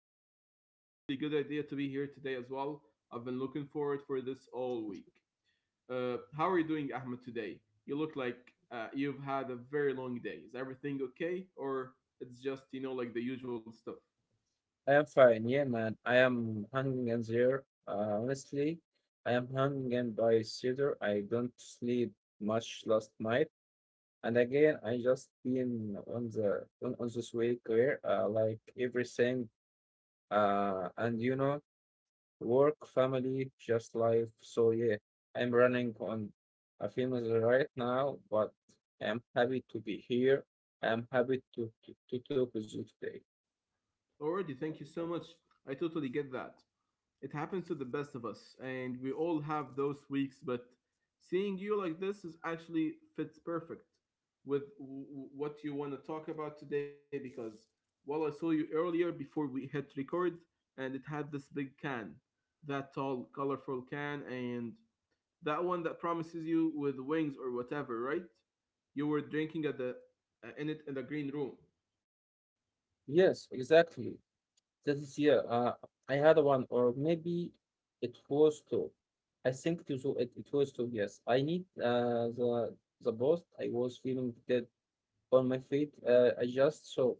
here, and it is really good idea to be here today as well. I've been looking forward for this all week. How are you doing, Ahmed? Today, you look like you've had a very long day. Is everything okay, or it's just you know like the usual stuff? I am fine. Yeah, man. I am hanging in there. Honestly, I am hanging in by cedar. I don't sleep much last night, and again, I just been on on this week where like everything, uh, and you know, work, family, just life. So yeah, I'm running on a famous right now, but I'm happy to be here. I'm happy to talk with you today. Already, thank you so much. I totally get that. It happens to the best of us, and we all have those weeks. But seeing you like this is actually fits perfect with what you want to talk about today because while I saw you earlier before we hit record, and it had this big can, that tall, colorful can, and that one that promises you with wings or whatever, right? You were drinking at the in it in the green room. Yes, exactly. That is yeah. I had one, or maybe it was two. I think it was it was two. Yes, I need the post. I was feeling that on my feet. I just saw,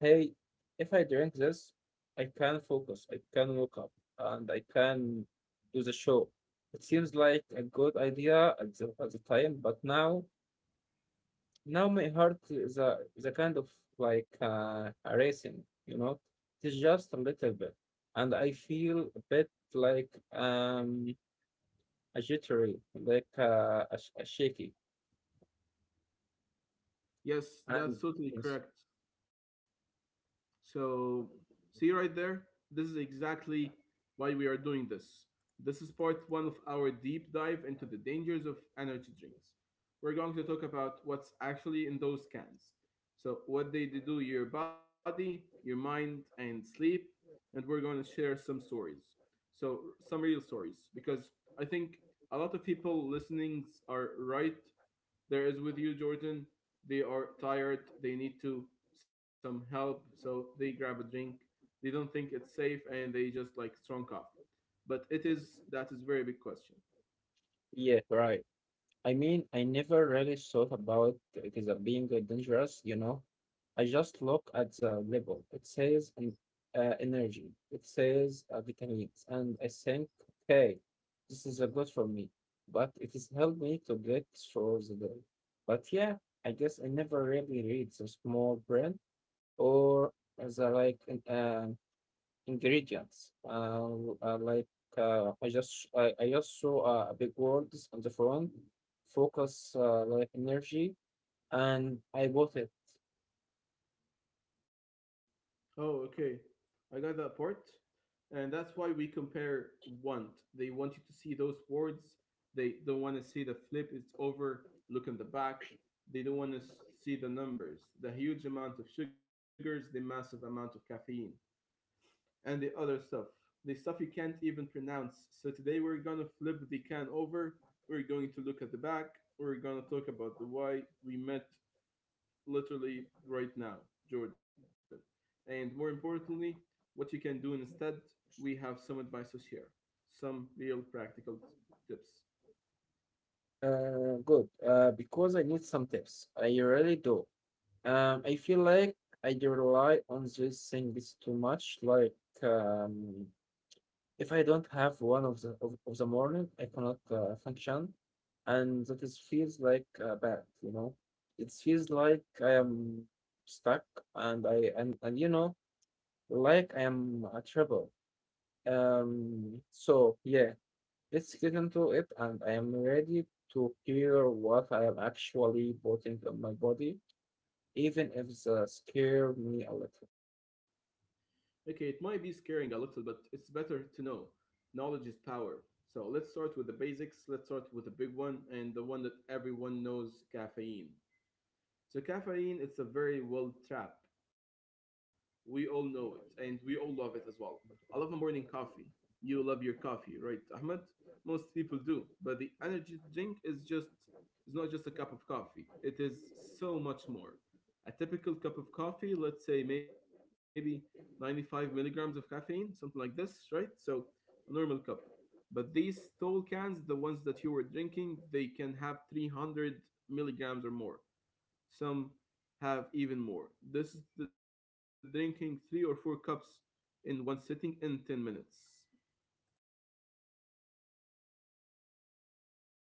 hey, if I drink this, I can focus, I can look up, and I can do the show. It seems like a good idea at the time, but now, now my heart is a kind of like a racing, you know, it's just a little bit, and I feel a bit like um a jittery, like a shaky, Yes, and that's totally it's, correct. So, see right there? This is exactly why we are doing this. This is part one of our deep dive into the dangers of energy drinks. We're going to talk about what's actually in those cans. So, what they do to your body, your mind, and sleep. And we're going to share some stories. So, some real stories. Because I think a lot of people listening are right there is with you, Jordan. They are tired. They need to some help. So they grab a drink. They don't think it's safe and they just like strong coffee. But it is that is very big question. yeah, right. I mean, I never really thought about it as a being dangerous, you know. I just look at the label. It says energy, it says vitamins, and I think, okay, this is good for me. But it has helped me to get through the day. But yeah, I guess I never really read the small print or as I like Ingredients. Uh, like I just saw a big words on the front. Focus like energy, and I bought it. Oh, okay. I got that part. And that's why we compare want. They want you to see those words. They don't want to see the flip. It's over. Look in the back. They don't want to see the numbers, the huge amount of sugars, the massive amount of caffeine, and the other stuff. The stuff you can't even pronounce. So today we're gonna flip the can over. We're going to look at the back. We're gonna talk about the why we met literally right now, Jordan. And more importantly, what you can do instead. We have some advice to share, some real practical tips. Good. Because I need some tips. I really do. I feel like I rely on these things too much. Um, If I don't have one of the morning, I cannot function, and that is feels like bad. You know, it feels like I am stuck, and I and you know, like I am a trouble. So yeah, let's get into it, and I am ready to hear what I am actually putting on my body, even if the scare me a little. Okay, it might be scaring a little, but it's better to know. Knowledge is power. So let's start with the basics. Let's start with the big one and the one that everyone knows caffeine. So caffeine, it's a very well trap. We all know it, and we all love it as well. I love my morning coffee. You love your coffee, right, Ahmed? Most people do, but the energy drink is just its not just a cup of coffee. It is so much more. A typical cup of coffee, let's say maybe 95 milligrams of caffeine, something like this, right? So a normal cup. But these tall cans, the ones that you were drinking, they can have 300 milligrams or more. Some have even more. This is the drinking three or four cups in one sitting in 10 minutes.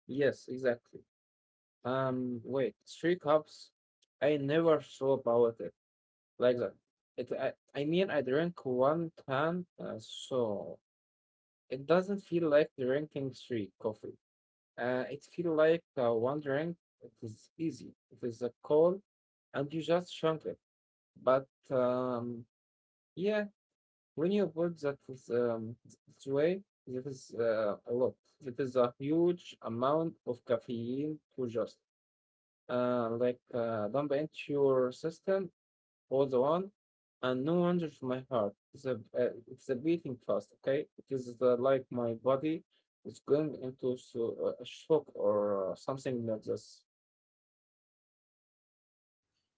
Yes, exactly. Wait, three cups. I never saw about it like that. It, I, I mean, I drink one can, so it doesn't feel like drinking three coffee. It feels like one drink. It is easy. It is a call, and you just chunk it. But yeah, when you put that is, this way, it is a lot. It is a huge amount of caffeine to just dump into your system. Hold on, and no wonder to my heart. It's a beating fast, okay? It is like my body is going into so, a shock or something like this.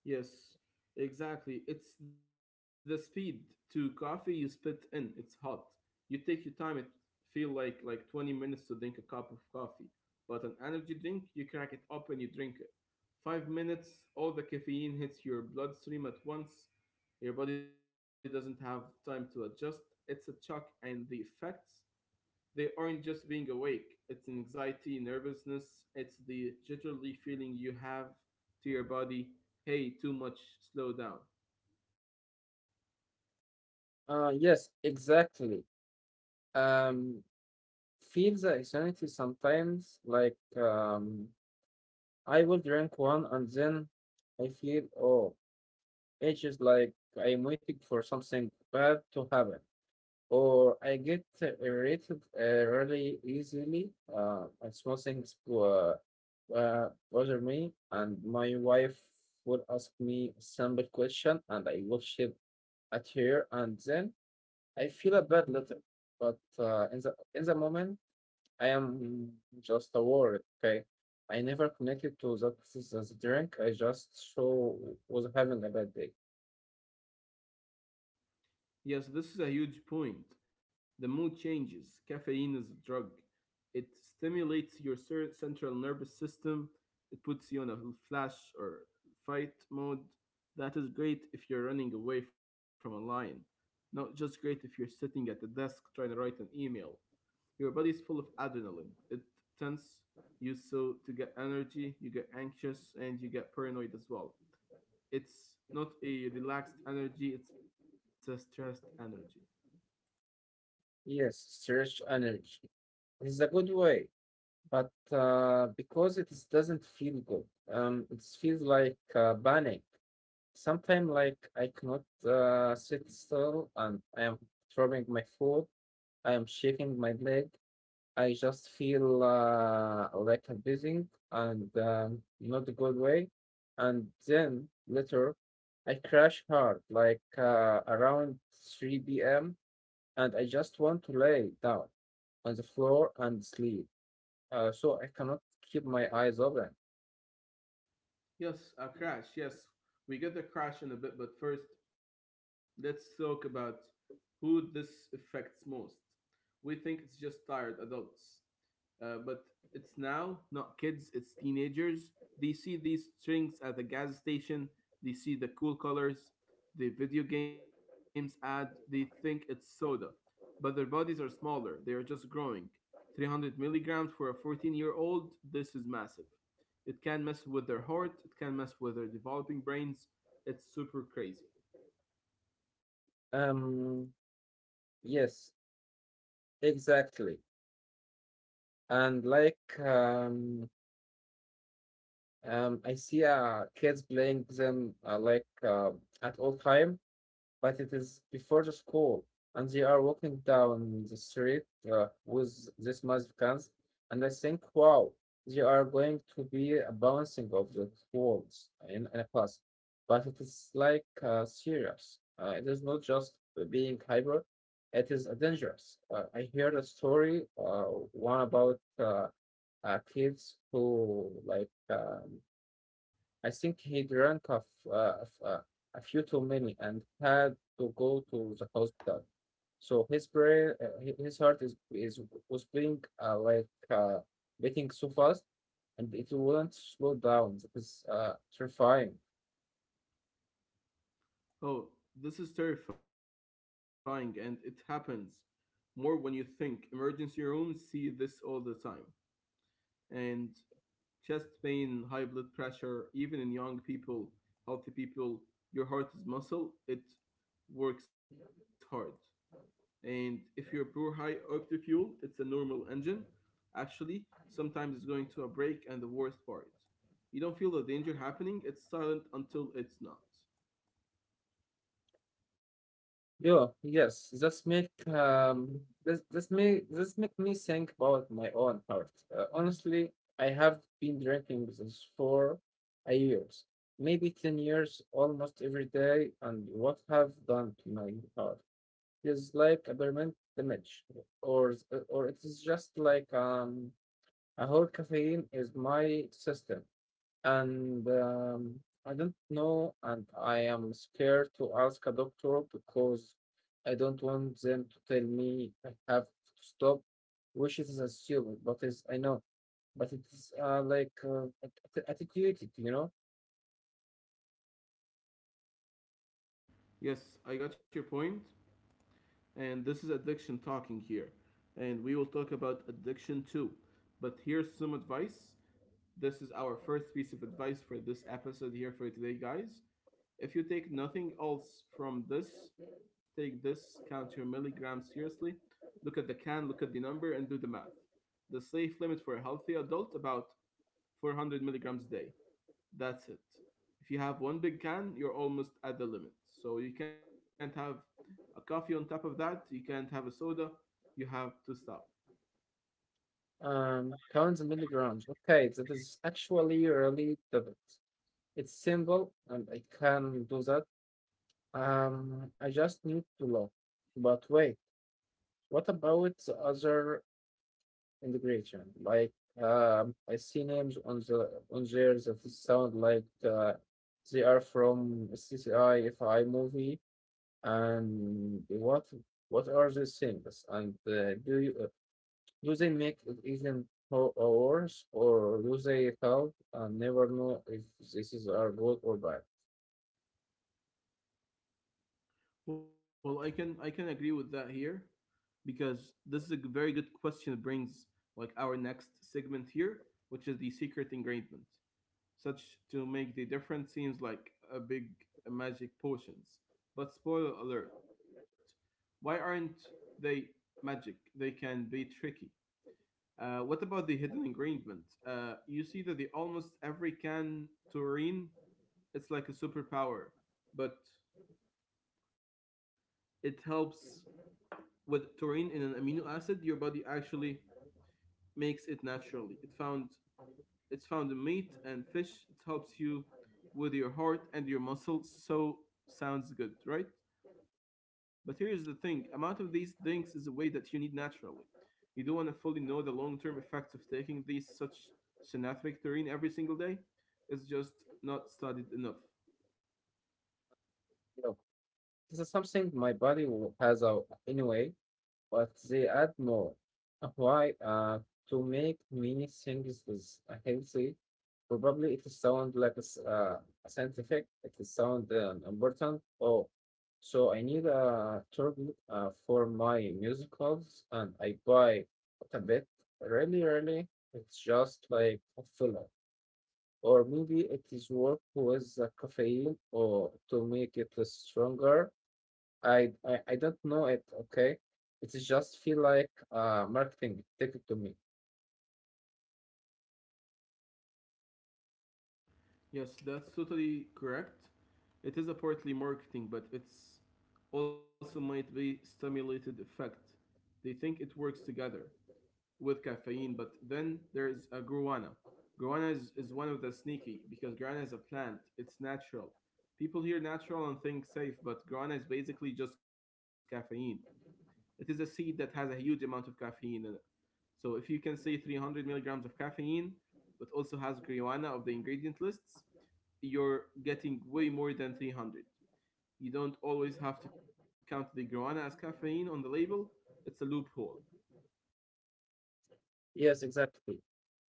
Yes, exactly. It's the speed to coffee you spit in. It's hot. You take your time. It feel like 20 minutes to drink a cup of coffee. But an energy drink, you crack it up open, you drink it. 5 minutes, all the caffeine hits your bloodstream at once. Your body doesn't have time to adjust. It's a shock, and the effects they aren't just being awake, it's anxiety, nervousness, it's the jittery feeling you have to your body hey, too much, slow down. Yes, exactly. Um, Feel the insanity sometimes, I will drink one and then I feel, oh, it's just like I'm waiting for something bad to happen, or I get irritated really easily. And small things bother me, and my wife would ask me a simple question, and I will shout at her, and then I feel a bad later. But In the moment, I am just a word. Okay, I never connected to that as a drink. I just so was having a bad day. Yes, this is a huge point. The mood changes. Caffeine is a drug. It stimulates your central nervous system. It puts you on a flash or fight mode. That is great if you're running away from a lion. Not just great if you're sitting at the desk trying to write an email. Your body is full of adrenaline. It tends you so to get energy, you get anxious, and you get paranoid as well. It's not a relaxed energy, it's a stressed energy. Yes, search energy. It's a good way but because it is- doesn't feel good, it feels like panic. Sometimes, like I cannot sit still, and I am throwing my foot. I am shaking my leg. I just feel like I'm buzzing and not a good way. And then later, I crash hard, like around 3 p.m., and I just want to lay down on the floor and sleep. So I cannot keep my eyes open. Yes, a crash. Yes, we get the crash in a bit, but first, let's talk about who this affects most. We think it's just tired adults. But it's now not kids, it's teenagers. They see these strings at the gas station, they see the cool colors, the video games ad, they think it's soda. But their bodies are smaller, they are just growing. 300 milligrams for a 14-year-old, this is massive. It can mess with their heart, it can mess with their developing brains. It's super crazy. Um, yes, exactly. And like, um, I see kids playing them at all time, but it is before the school, and they are walking down the street with these massive cans, and I think, wow, they are going to be a bouncing of the walls in a class. But it is like serious. It is not just being hyper; it is dangerous. I heard a story, one about kids who I think he drank a few too many and had to go to the hospital. So his brain, his heart is was being beating so fast, and it wouldn't slow down. It was terrifying. Oh, this is terrifying and it happens more when you think. Emergency rooms see this all the time, and chest pain, high blood pressure, even in young people, healthy people, your heart is muscle, it works hard. And if you are poor, high octane fuel, it's a normal engine. Actually, sometimes it's going to a break, and the worst part, you don't feel the danger happening, it's silent until it's not. Yeah, yes, that's make this make me think about my own heart. Honestly, I have been drinking this for a years, maybe 10 years, almost every day, and what have done to my heart is like a permanent damage, or or it is just like a whole caffeine is my system. And I don't know, and I am scared to ask a doctor because I don't want them to tell me I have to stop, which is a stupid, but is I know, but it's attenuated, you know, Yes, I got your point, and this is addiction talking here, and we will talk about addiction too. But here's some advice. This is our first piece of advice for this episode here for today, guys. If you take nothing else from this, take this, count your milligrams seriously, look at the can, look at the number, and do the math. The safe limit for a healthy adult about 400 milligrams a day. That's it. If you have one big can, you're almost at the limit. So you can't have a coffee on top of that. You can't have a soda. You have to stop. Pounds and milligrams. Okay, that is actually really difficult. It's simple, and I can do that. I just need to love. But wait, what about the other integration? Like I see names on there that sound like they are from CCI FI movie, and what are these things? And do you do they make it even more or worse, or do they help and never know if this is are good or bad? Well, I can agree with that here, because this is a very good question. It brings like our next segment here, which is the secret ingredient, such to make the difference seems like a big magic potions. But spoiler alert, why aren't they magic? They can be tricky. What about the hidden ingredient? You see that the almost every can taurine, it's like a superpower, but it helps with taurine in an amino acid. Your body actually makes it naturally. It found it's found in meat and fish. It helps you with your heart and your muscles. So sounds good, right? But here's the thing: amount of these things is a way that you need naturally. You don't want to fully know the long-term effects of taking these such synaptic terrain every single day. It's just not studied enough. You know, this is something my body has out anyway, but they add more. Why? To make many things is healthy. Probably it sound like it's a scientific. It is sound important. Oh, so I need a turban for my musicals, and I buy a bit. Really, really, it's just like a filler. Or maybe it is work with the caffeine or to make it stronger. I don't know it. Okay, it just feel like marketing. Take it to me. Yes, that's totally correct. It is a partly marketing, but it's also might be stimulated effect. They think it works together with caffeine. But then there's a guarana. Guarana is one of the sneaky because guarana is a plant. It's natural. People hear natural and think safe, but guarana is basically just caffeine. It is a seed that has a huge amount of caffeine in it. So if you can say 300 milligrams of caffeine, but also has guarana of the ingredient lists, you're getting way more than 300. You don't always have to count the guarana as caffeine on the label. It's a loophole. Yes, exactly.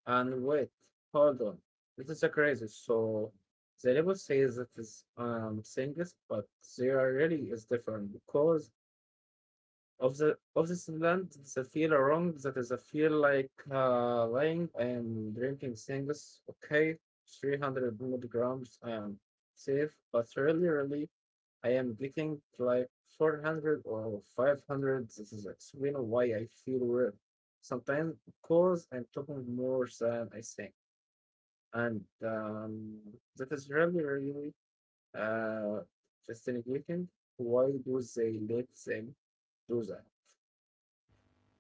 And wait, hold on. This is a crazy. So the label says it is singles, but there really is different because of the of this land. It's a feel wrong. That is a feel like lying. I am drinking singles. Okay, 300 milligrams. I am safe, but really, really I am getting like 400 or 500. This is explain why I feel weird sometimes because I'm talking more than I think. And That is really, really uh, fascinating. Why do they let them do that?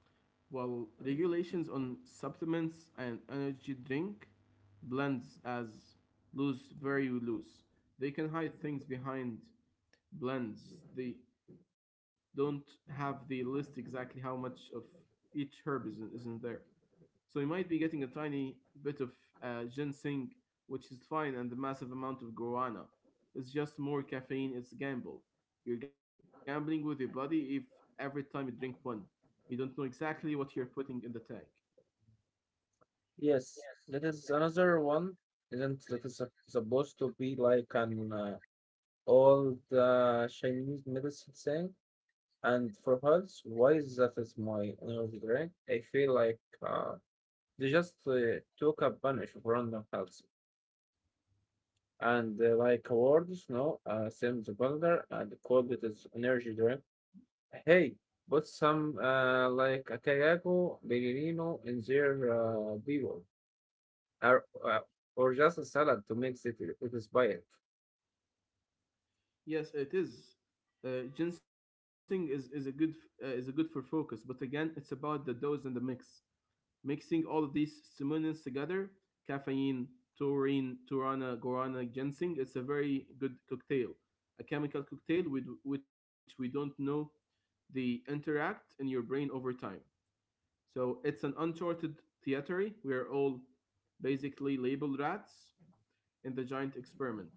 Well, regulations on supplements and energy drink blends as loose, very loose. They can hide things behind blends. They don't have the list exactly how much of each herb is in there. So you might be getting a tiny bit of ginseng, which is fine, and the massive amount of guarana. It's just more caffeine, it's a gamble. You're gambling with your body if every time you drink one, you don't know exactly what you're putting in the tank. Yes, that is another one. Isn't that is supposed to be like an old Chinese medicine thing? And for health, why wise that is my energy drink. I feel like uh, they just took a bunch of random health and like awards, no, Sam the Builder and called it as energy drink. Hey, put some like a Kayago, bellino, in their people, or, uh, or just a salad to mix it, it inspired. Yes, it is. Ginseng is a good f- is a good for focus, but again, it's about the dose and the mix. Mixing all of these stimulants together, caffeine, taurine, turana, guarana, ginseng, it's a very good cocktail. A chemical cocktail with which we don't know they interact in your brain over time. So it's an uncharted theatery. We are all basically labeled rats in the giant experiment.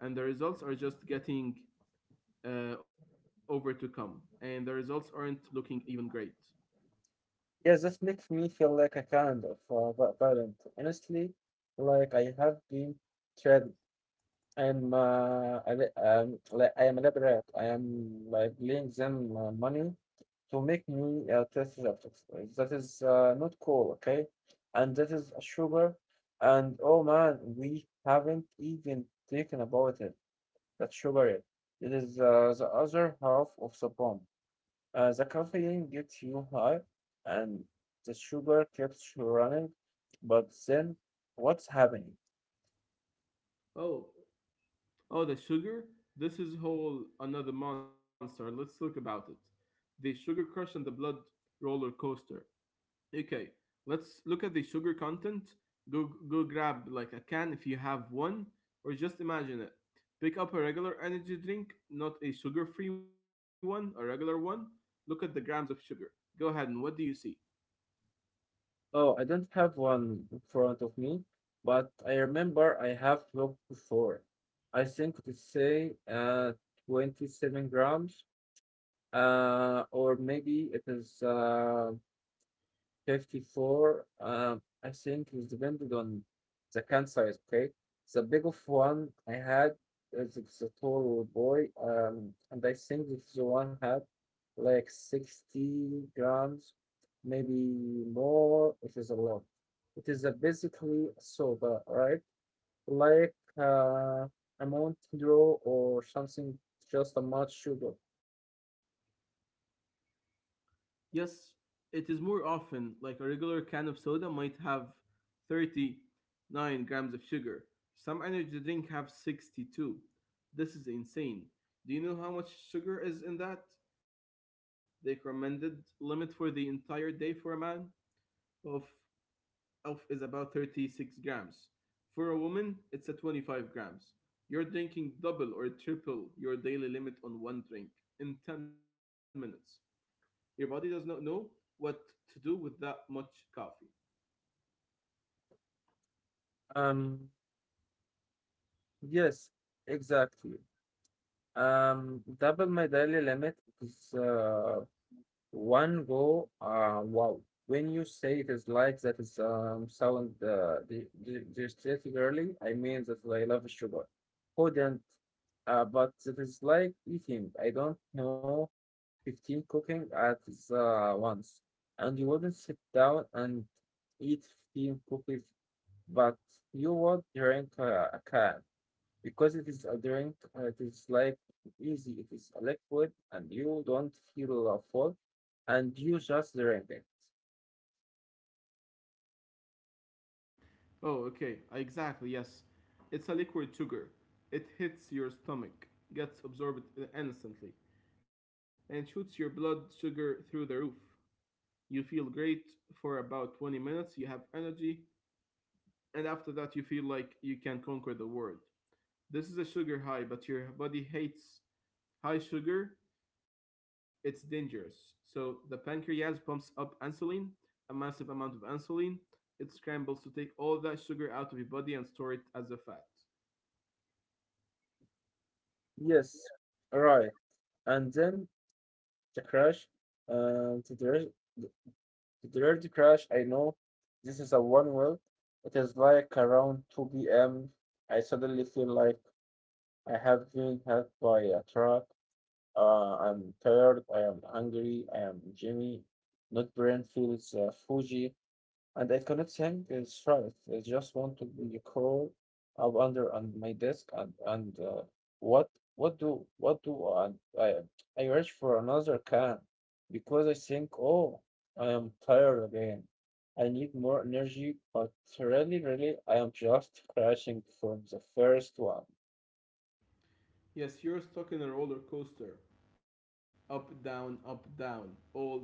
And the results are just getting over to come. And the results aren't looking even great. Yeah, that makes me feel like a kind of violent. Honestly, like I have been tried like I am a lab rat. I am like laying them money to make me a triceratops. That is not cool, okay? And that is a sugar. And oh man, we haven't even thinking about it. That sugar, it is the other half of the bomb. The caffeine gets you high, and the sugar keeps you running. But then, what's happening? Oh, oh, the sugar? This is whole another monster. Let's look about it. The sugar crush and the blood roller coaster. Okay, let's look at the sugar content. Go grab like a can if you have one, or just imagine it. Pick up a regular energy drink, not a sugar-free one, a regular one. Look at the grams of sugar. Go ahead and what do you see? Oh, I don't have one in front of me, but I remember I have looked before. I think it's say 27 grams, or maybe it is 54, I think it depended on the can size, okay? The big of one I had is it's a tall boy, and I think this one had like 60 grams, maybe more. It is a lot. It is a basically a soda, right? Like a Mountain Dew or something, just a much sugar. Yes, it is more often like a regular can of soda might have 39 grams of sugar. Some energy drink have 62. This is insane. Do you know how much sugar is in that? The recommended limit for the entire day for a man of is about 36 grams. For a woman, it's at 25 grams. You're drinking double or triple your daily limit on one drink in 10 minutes. Your body does not know what to do with that much coffee. Um, yes, exactly. Double my daily limit is one go. Wow. When you say it is like that is sound the early, I mean that I love sugar. Who don't? But it is like eating. I don't know, 15 cooking at once. And you wouldn't sit down and eat 15 cookies, but you would drink a can because it is adherent, it is like easy, it is a liquid, and you don't feel a full, and you just drink it. Oh, okay. Exactly, yes. It's a liquid sugar. It hits your stomach, gets absorbed instantly, and shoots your blood sugar through the roof. You feel great for about 20 minutes. You have energy, and after that, you feel like you can conquer the world. This is a sugar high, but your body hates high sugar, it's dangerous. So the pancreas pumps up insulin, a massive amount of insulin. It scrambles to take all that sugar out of your body and store it as a fat. Yes, right. And then the crash, uh, the direct, the direct crash. I know this is a one well. It is like around 2 p.m. I suddenly feel like I have been hit by a truck. I'm tired. I am hungry. I am Jimmy. Not brain feels fuji. And I cannot think Stripe. I just want to be crawl up under on my desk and what what do I, I reach for another can because I think oh I am tired again. I need more energy, but really, really, I am just crashing from the first one. Yes, you're stuck in a roller coaster. Up, down, all day long.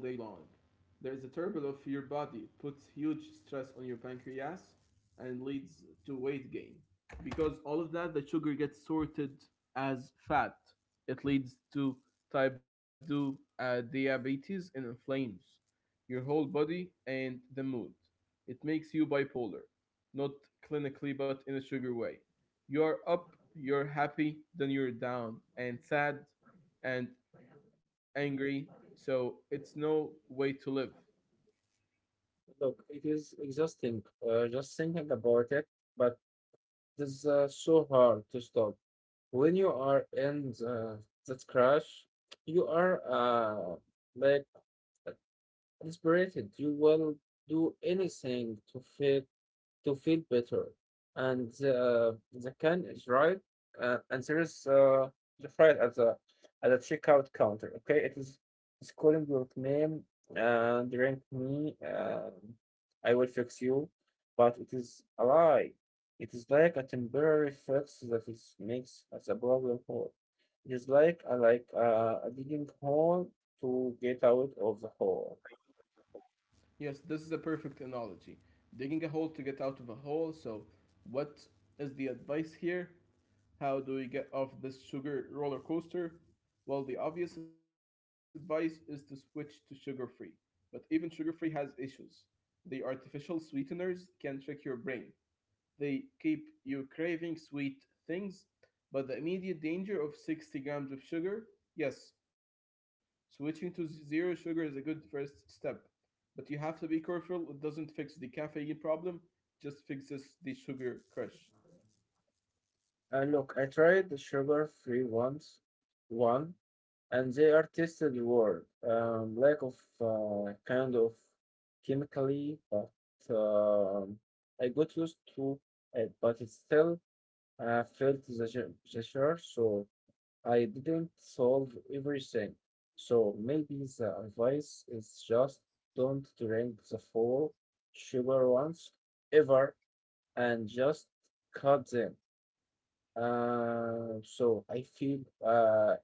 There is a turmoil of your body. It puts huge stress on your pancreas and leads to weight gain. Because all of that, the sugar gets sorted as fat. It leads to type 2 diabetes and inflames your whole body and the mood. It makes you bipolar, not clinically but in a sugar way. You're up, you're happy, then you're down and sad and angry. So it's no way to live. Look, it is exhausting just thinking about it, but it is so hard to stop. When you are in that crash, you are like uh, desperate. You will do anything to fit to feel better. And the can is right, and there is the fried at the checkout counter. Okay, it is it's calling your name and drink me. I will fix you, but it is a lie. It is like a temporary fix that is makes as a problem whole. It is like a a digging hole to get out of the hole. Yes, this is a perfect analogy. Digging a hole to get out of a hole. So, what is the advice here? How do we get off this sugar roller coaster? Well, the obvious advice is to switch to sugar free. But even sugar free has issues. The artificial sweeteners can trick your brain. They keep you craving sweet things, but the immediate danger of 60 grams of sugar, yes, switching to zero sugar is a good first step, but you have to be careful. It doesn't fix the caffeine problem, just fixes the sugar crush. And look, I tried the sugar free ones one and they are tested word lack of kind of chemically, but um, I got used to it, but it still felt the pressure, so I didn't solve everything. So maybe the advice is just don't drink the full sugar ones ever and just cut them, so I feel uh,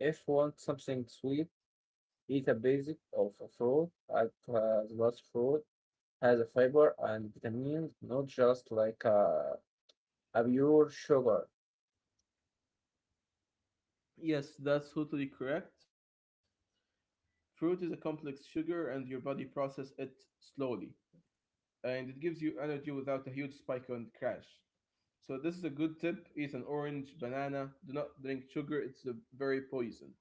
if want something sweet. Eat a basic of a fruit at the last fruit has a fiber and vitamins, not just like a pure sugar. Yes, that's totally correct. Fruit is a complex sugar, and your body processes it slowly, and it gives you energy without a huge spike and crash. So this is a good tip. Eat an orange, banana. Do not drink sugar. It's a very poison.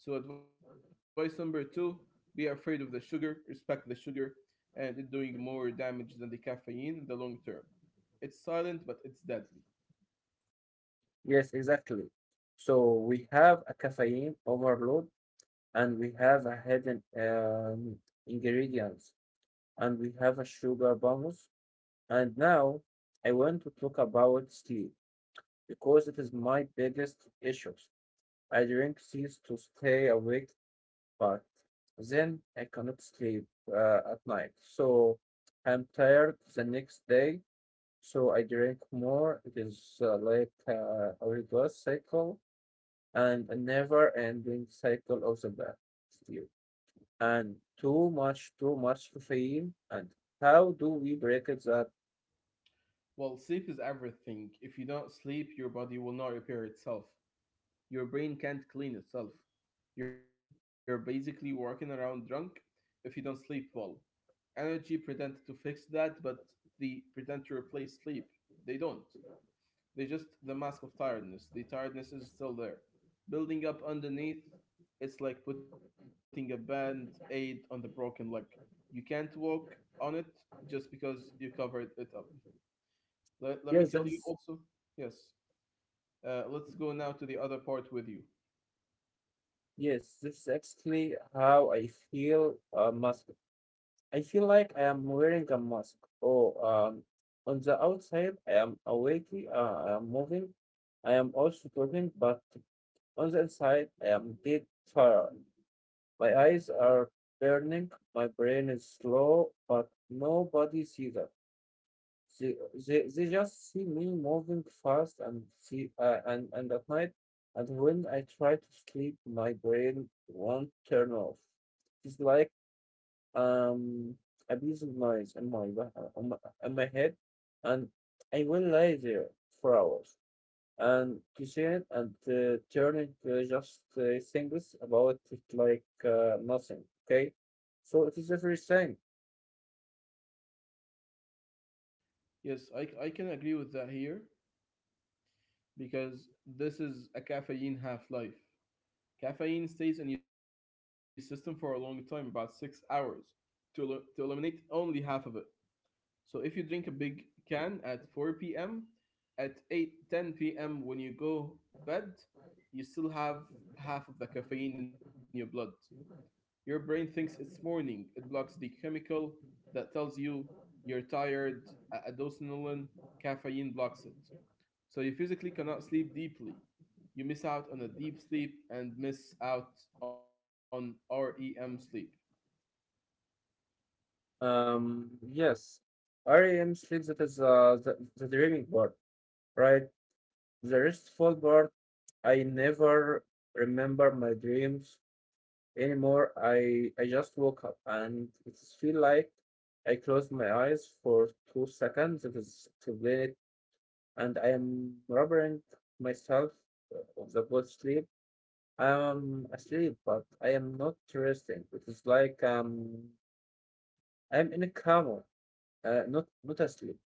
So advice number two, be afraid of the sugar, respect the sugar, and it doing more damage than the caffeine in the long term. It's silent, but it's deadly. Yes, exactly. So we have a caffeine overload, and we have a hidden ingredients, and we have a sugar bonus. And now I want to talk about sleep because it is my biggest issues. I drink these to stay awake, but then I cannot sleep at night. So I'm tired the next day. So I drink more. It is a reverse cycle and a never ending cycle of the bad stew. And too much caffeine. And how do we break it that? Well, sleep is everything. If you don't sleep, your body will not repair itself. Your brain can't clean itself. You're basically walking around drunk if you don't sleep well. Energy pretend to fix that, but they pretend to replace sleep. They don't. They just the mask of tiredness. The tiredness is still there, building up underneath. It's like putting a band aid on the broken leg. You can't walk on it just because you covered it up. Let me Yes, tell you that's, also. Yes. Let's go now to the other part with you. yes, this is actually how I feel most. I feel like I am wearing a mask. Oh, on the outside, I am awake, uh, I am moving, I am also talking, but on the inside, I am dead tired. My eyes are burning, my brain is slow, but nobody sees that. They, they just see me moving fast and see and at night, and when I try to sleep my brain won't turn off. It's like um, a piece of noise on my on my head, and I will lie there for hours and kitchen and turn into just things about it like nothing. Okay, so it is the first thing. Yes, I can agree with that here because this is a caffeine half life. Caffeine stays in your system for a long time, about 6 hours, to, to eliminate only half of it. So if you drink a big can at 4 p.m., at 8:10 p.m. when you go bed, you still have half of the caffeine in your blood. Your brain thinks it's morning. It blocks the chemical that tells you you're tired. Adosinolin caffeine blocks it. So you physically cannot sleep deeply. You miss out on a deep sleep and miss out on REM sleep. Yes, REM sleep, that is the dreaming part, right? The restful part, I never remember my dreams anymore. I just woke up and it feel like I closed my eyes for 2 seconds. It is to blame it, and I am robbing myself of the good sleep. I am asleep, but I am not resting. It is like I'm in a coma, not asleep.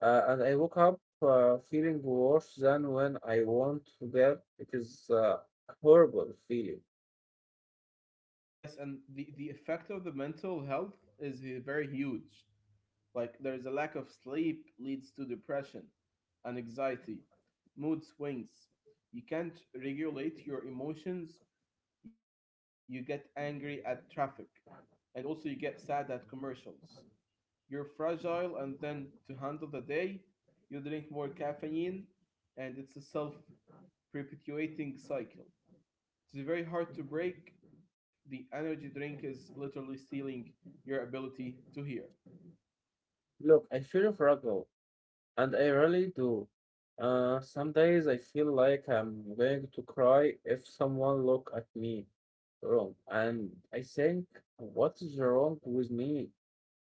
And I woke up feeling worse than when I want to bed. It is a horrible feeling. Yes, and the effect of the mental health is very huge. Like there is a lack of sleep leads to depression and anxiety, mood swings. You can't regulate your emotions. You get angry at traffic and also you get sad at commercials. You're fragile and then to handle the day, you drink more caffeine and it's a self-perpetuating cycle. It's very hard to break. The energy drink is literally stealing your ability to hear. Look, I feel fragile, and I really do. Some days I feel like I'm going to cry if someone look at me wrong, and I think, what is wrong with me?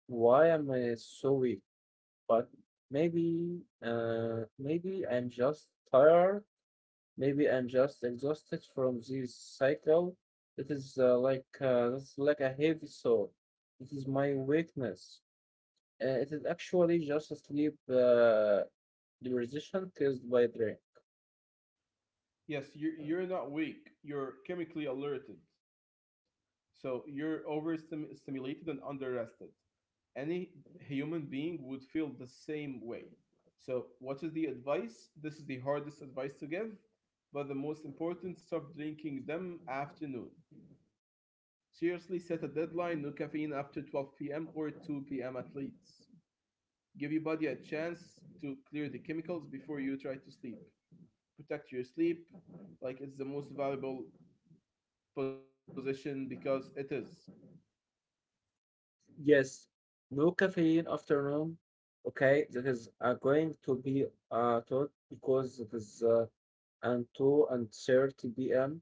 Why am I so weak? But maybe I'm just tired. Maybe I'm just exhausted from this cycle. It is that's like a heavy soul. It is my weakness. It is actually just a sleep deprivation caused by drink. Yes, you're not weak. You're chemically alerted. So you're overstimulated and underrested. Any human being would feel the same way. So what is the advice? This is the hardest advice to give, but the most important, stop drinking them afternoon. Seriously, set a deadline, no caffeine after 12 p.m. or 2 p.m. at least. Give your body a chance to clear the chemicals before you try to sleep. Protect your sleep like it's the most valuable position because it is. Yes, no caffeine after noon. Okay, that is going to be taught because it is until and 30 p.m.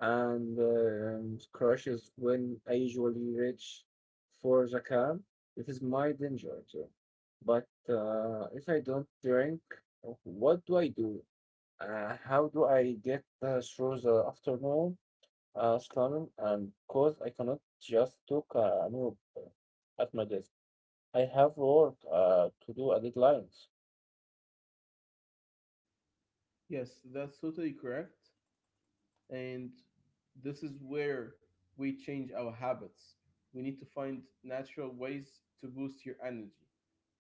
and crashes when I usually reach for the camp. It is my danger too. But if I don't drink, what do I do? How do I get through the afternoon? Shannon, and cause I cannot just took a noob at my desk. I have work to do a deadlines. Yes, that's totally correct. And this is where we change our habits. We need to find natural ways to boost your energy,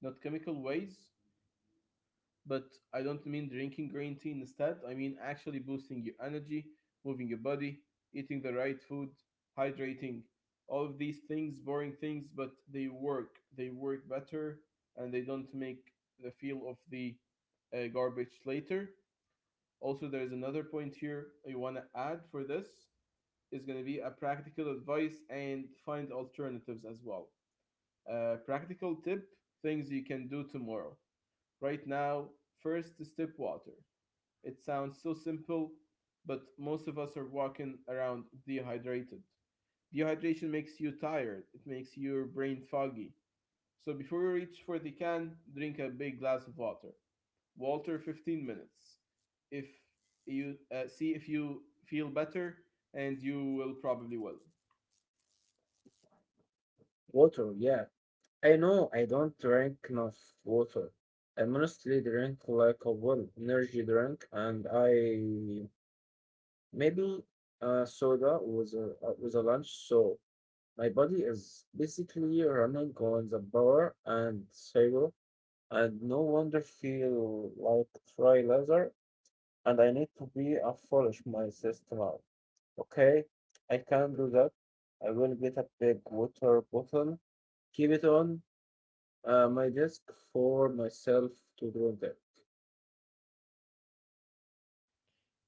not chemical ways. But I don't mean drinking green tea instead. I mean actually boosting your energy, moving your body, eating the right food, hydrating. All of these things, boring things, but they work. They work better and they don't make the feel of the garbage later. Also, there is another point here you want to add for this is going to be a practical advice and find alternatives as well. Practical tip things you can do tomorrow. Right now, first is tip water. It sounds so simple, but most of us are walking around dehydrated. Dehydration makes you tired, it makes your brain foggy. So before you reach for the can, drink a big glass of water. Walter 15 minutes. If you see if you feel better, and you will probably will. Water, yeah. I know I don't drink enough water. I mostly drink like a well energy drink, and I maybe soda with a lunch. So my body is basically running on the bar and zero, and no wonder feel like dry leather. And I need to be a foolish my sister. Okay, I can do that. I will get a big water bottle, keep it on my desk for myself to drink it.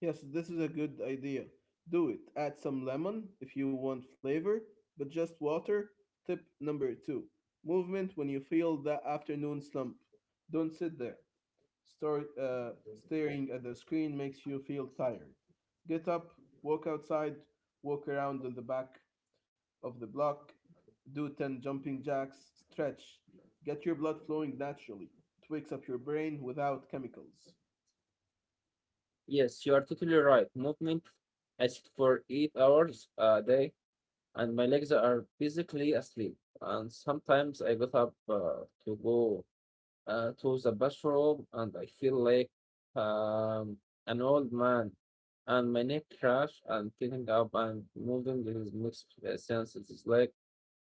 Yes, this is a good idea. Do it. Add some lemon if you want flavor, but just water. Tip number two, movement when you feel that afternoon slump. Don't sit there. Start staring at the screen makes you feel tired. Get up, walk outside, walk around in the back of the block, do 10 jumping jacks, stretch, get your blood flowing naturally. It wakes up your brain without chemicals. Yes, you are totally right. Movement is for 8 hours a day, and my legs are basically asleep. And sometimes I get up to go to the bathroom and I feel like um, an old man and my neck crash, and getting up and moving is mixed sense. It is like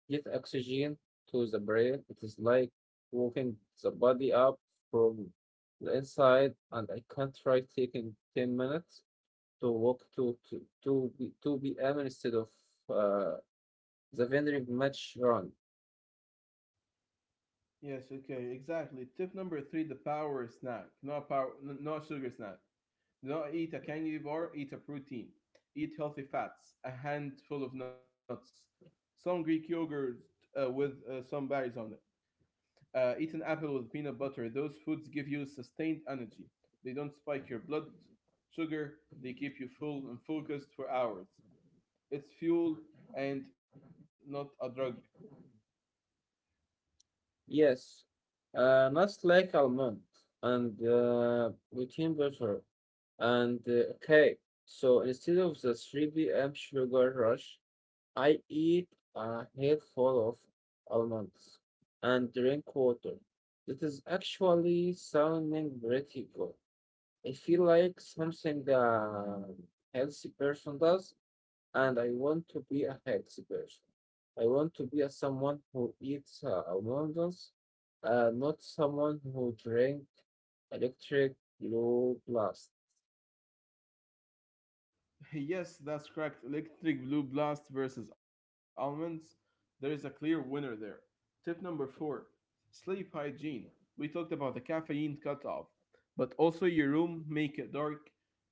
get oxygen to the brain. It is like walking the body up from the inside, and I can't try taking 10 minutes to walk to be M instead of uh, the vending match run. Yes, okay, exactly. Tip number three, the power snack, not power, not sugar snack. Do not eat a candy bar, eat a protein. Eat healthy fats, a handful of nuts, some Greek yogurt with some berries on it. Eat an apple with peanut butter. Those foods give you sustained energy. They don't spike your blood sugar. They keep you full and focused for hours. It's fuel and not a drug. Yes, not like almond and protein butter. And okay, so instead of the 3 p.m. sugar rush, I eat a head full of almonds and drink water. That is actually sounding pretty good. I feel like something a healthy person does, and I want to be a healthy person. I want to be a someone who eats almonds, not someone who drink electric blue blast. Yes, that's correct. Electric Blue Blast versus almonds. There is a clear winner there. Tip number four, sleep hygiene. We talked about the caffeine cutoff, but also your room, make it dark,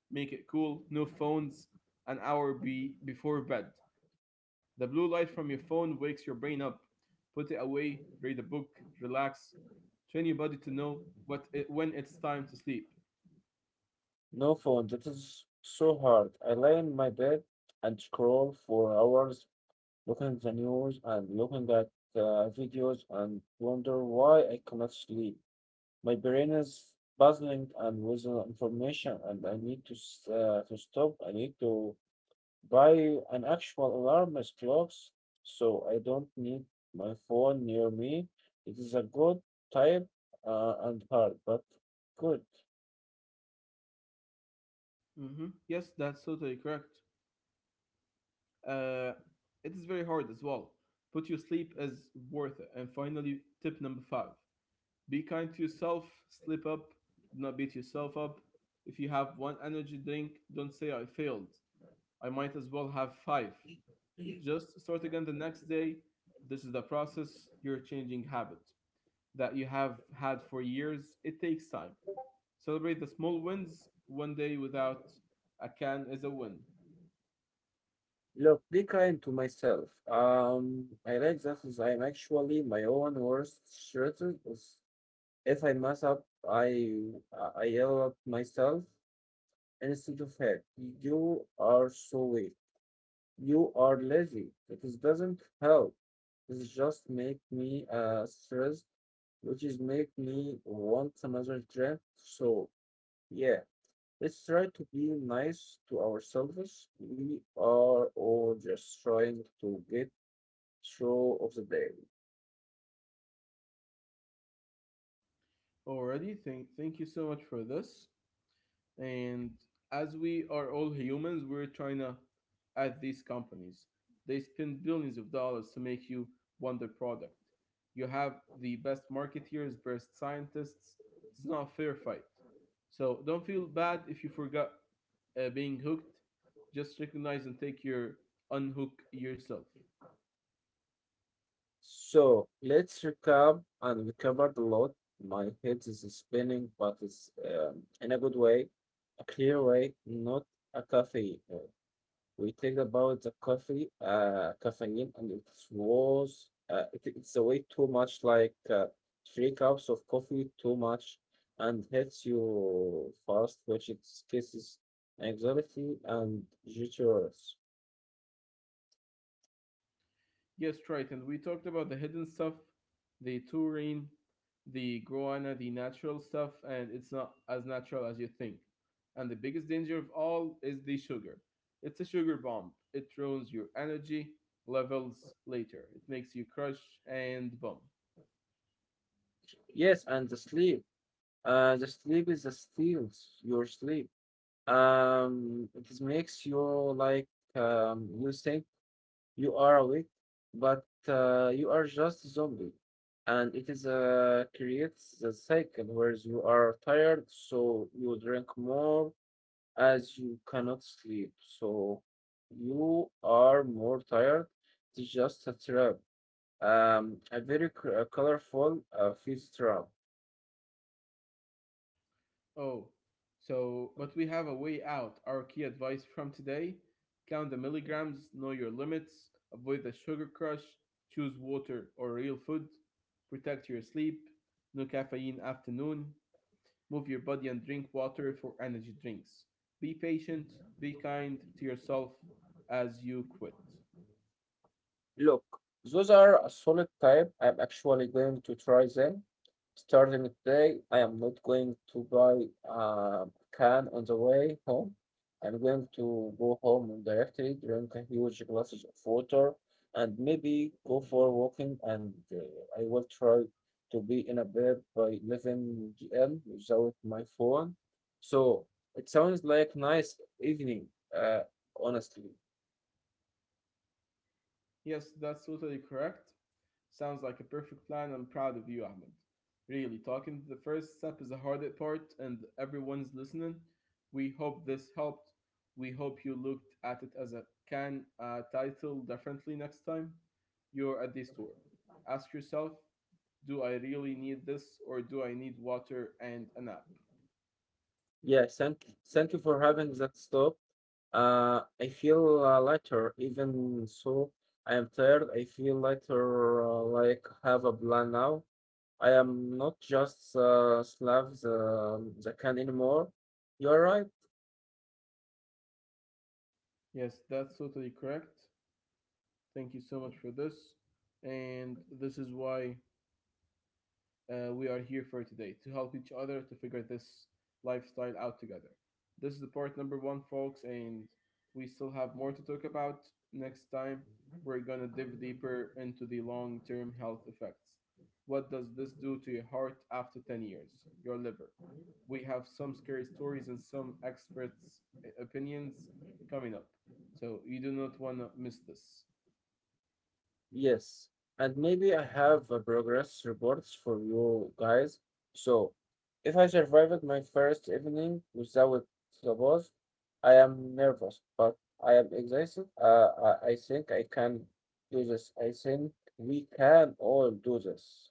make it cool. No phones an hour before bed. The blue light from your phone wakes your brain up. Put it away. Read a book. Relax. Train your body to know when it's time to sleep. No phone, that is so hard. I lie in my bed and scroll for hours, looking at the news and looking at videos and wonder why I cannot sleep. My brain is buzzing and with information, and I need to stop. I need to buy an actual alarmist as clocks so I don't need my phone near me. It is a good type, and hard, but good. Hmm. Yes, that's totally correct. Uh, it is very hard as well, but your sleep is worth it. And finally, tip number five, be kind to yourself, slip up, do not beat yourself up. If you have one energy drink, don't say I failed. I might as well have five. Just start again the next day. This is the process. You're changing habit that you have had for years. It takes time. Celebrate the small wins. One day without a can is a win. Look, be kind to myself. I like that is I'm actually my own worst shooter. Is if I mess up, I I yell at myself instead of her. You are so weak. You are lazy. It is- doesn't help. It just make me stressed, which is make me want another trip. So yeah, let's try to be nice to ourselves. We are all just trying to get through of the day. Alrighty, thank you so much for this. And as we are all humans, we're trying to at these companies. They spend billions of dollars to make you wonder product. You have the best marketeers, best scientists. It's not a fair fight. So don't feel bad if you forgot being hooked. Just recognize and take your unhook yourself. So let's recap, and we covered a lot. My head is spinning, but it's in a good way, a clear way, not a cafe we talked about the coffee, caffeine, and it was it's way too much, like three cups of coffee too much, and hits you fast, which it causes anxiety and jitters. Yes, right. And we talked about the hidden stuff, the taurine, the guana, the natural stuff, and it's not as natural as you think. And the biggest danger of all is the sugar. It's a sugar bomb. It ruins your energy levels later. It makes you crush and bump. Yes, and the sleep. The sleep is the steals your sleep. It is makes you like you think you are awake, but you are just zombie. And it is creates the cycle where you are tired, so you drink more as you cannot sleep. So you are more tired. It's just a trap. A very colorful feast trap. Oh, so, but we have a way out. Our key advice from today, count the milligrams, know your limits, avoid the sugar crush, choose water or real food, protect your sleep, no caffeine afternoon, move your body and drink water for energy drinks. Be patient, be kind to yourself as you quit. Look, those are a solid type. I'm actually going to try them. Starting today, I am not going to buy a can on the way home. I'm going to go home and directly, drink a huge glasses of water, and maybe go for walking. And I will try to be in a bed by 11 p.m. without my phone. So it sounds like nice evening, uh, honestly. Yes, that's totally correct. Sounds like a perfect plan. I'm proud of you, Ahmed. Really, talking the first step is the hardest part, and everyone's listening. We hope this helped. We hope you looked at it as a can title differently next time you're at the store. Ask yourself, do I really need this, or do I need water and a nap? Yeah, thank you for having that stop. I feel lighter, even so I am tired. I feel lighter, like have a plan now. I am not just slav the can anymore. You're right. Yes, that's totally correct. Thank you so much for this. And this is why we are here for today to help each other to figure this lifestyle out together. This is the part number one, folks, and we still have more to talk about. Next time, we're gonna dive deeper into the long term health effects. What does this do to your heart after 10 years? Your liver. We have some scary stories and some experts' opinions coming up, so you do not want to miss this. Yes, and maybe I have progress reports for you guys. So, if I survived my first evening without the boss, I am nervous, but I am excited. I think I can do this. I think we can all do this.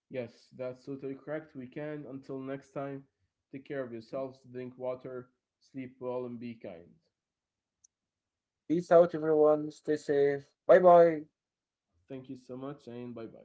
Yes, that's totally correct. We can. Until next time, take care of yourselves, drink water, sleep well, and be kind. Peace out, everyone. Stay safe. Bye bye. Thank you so much, and bye bye.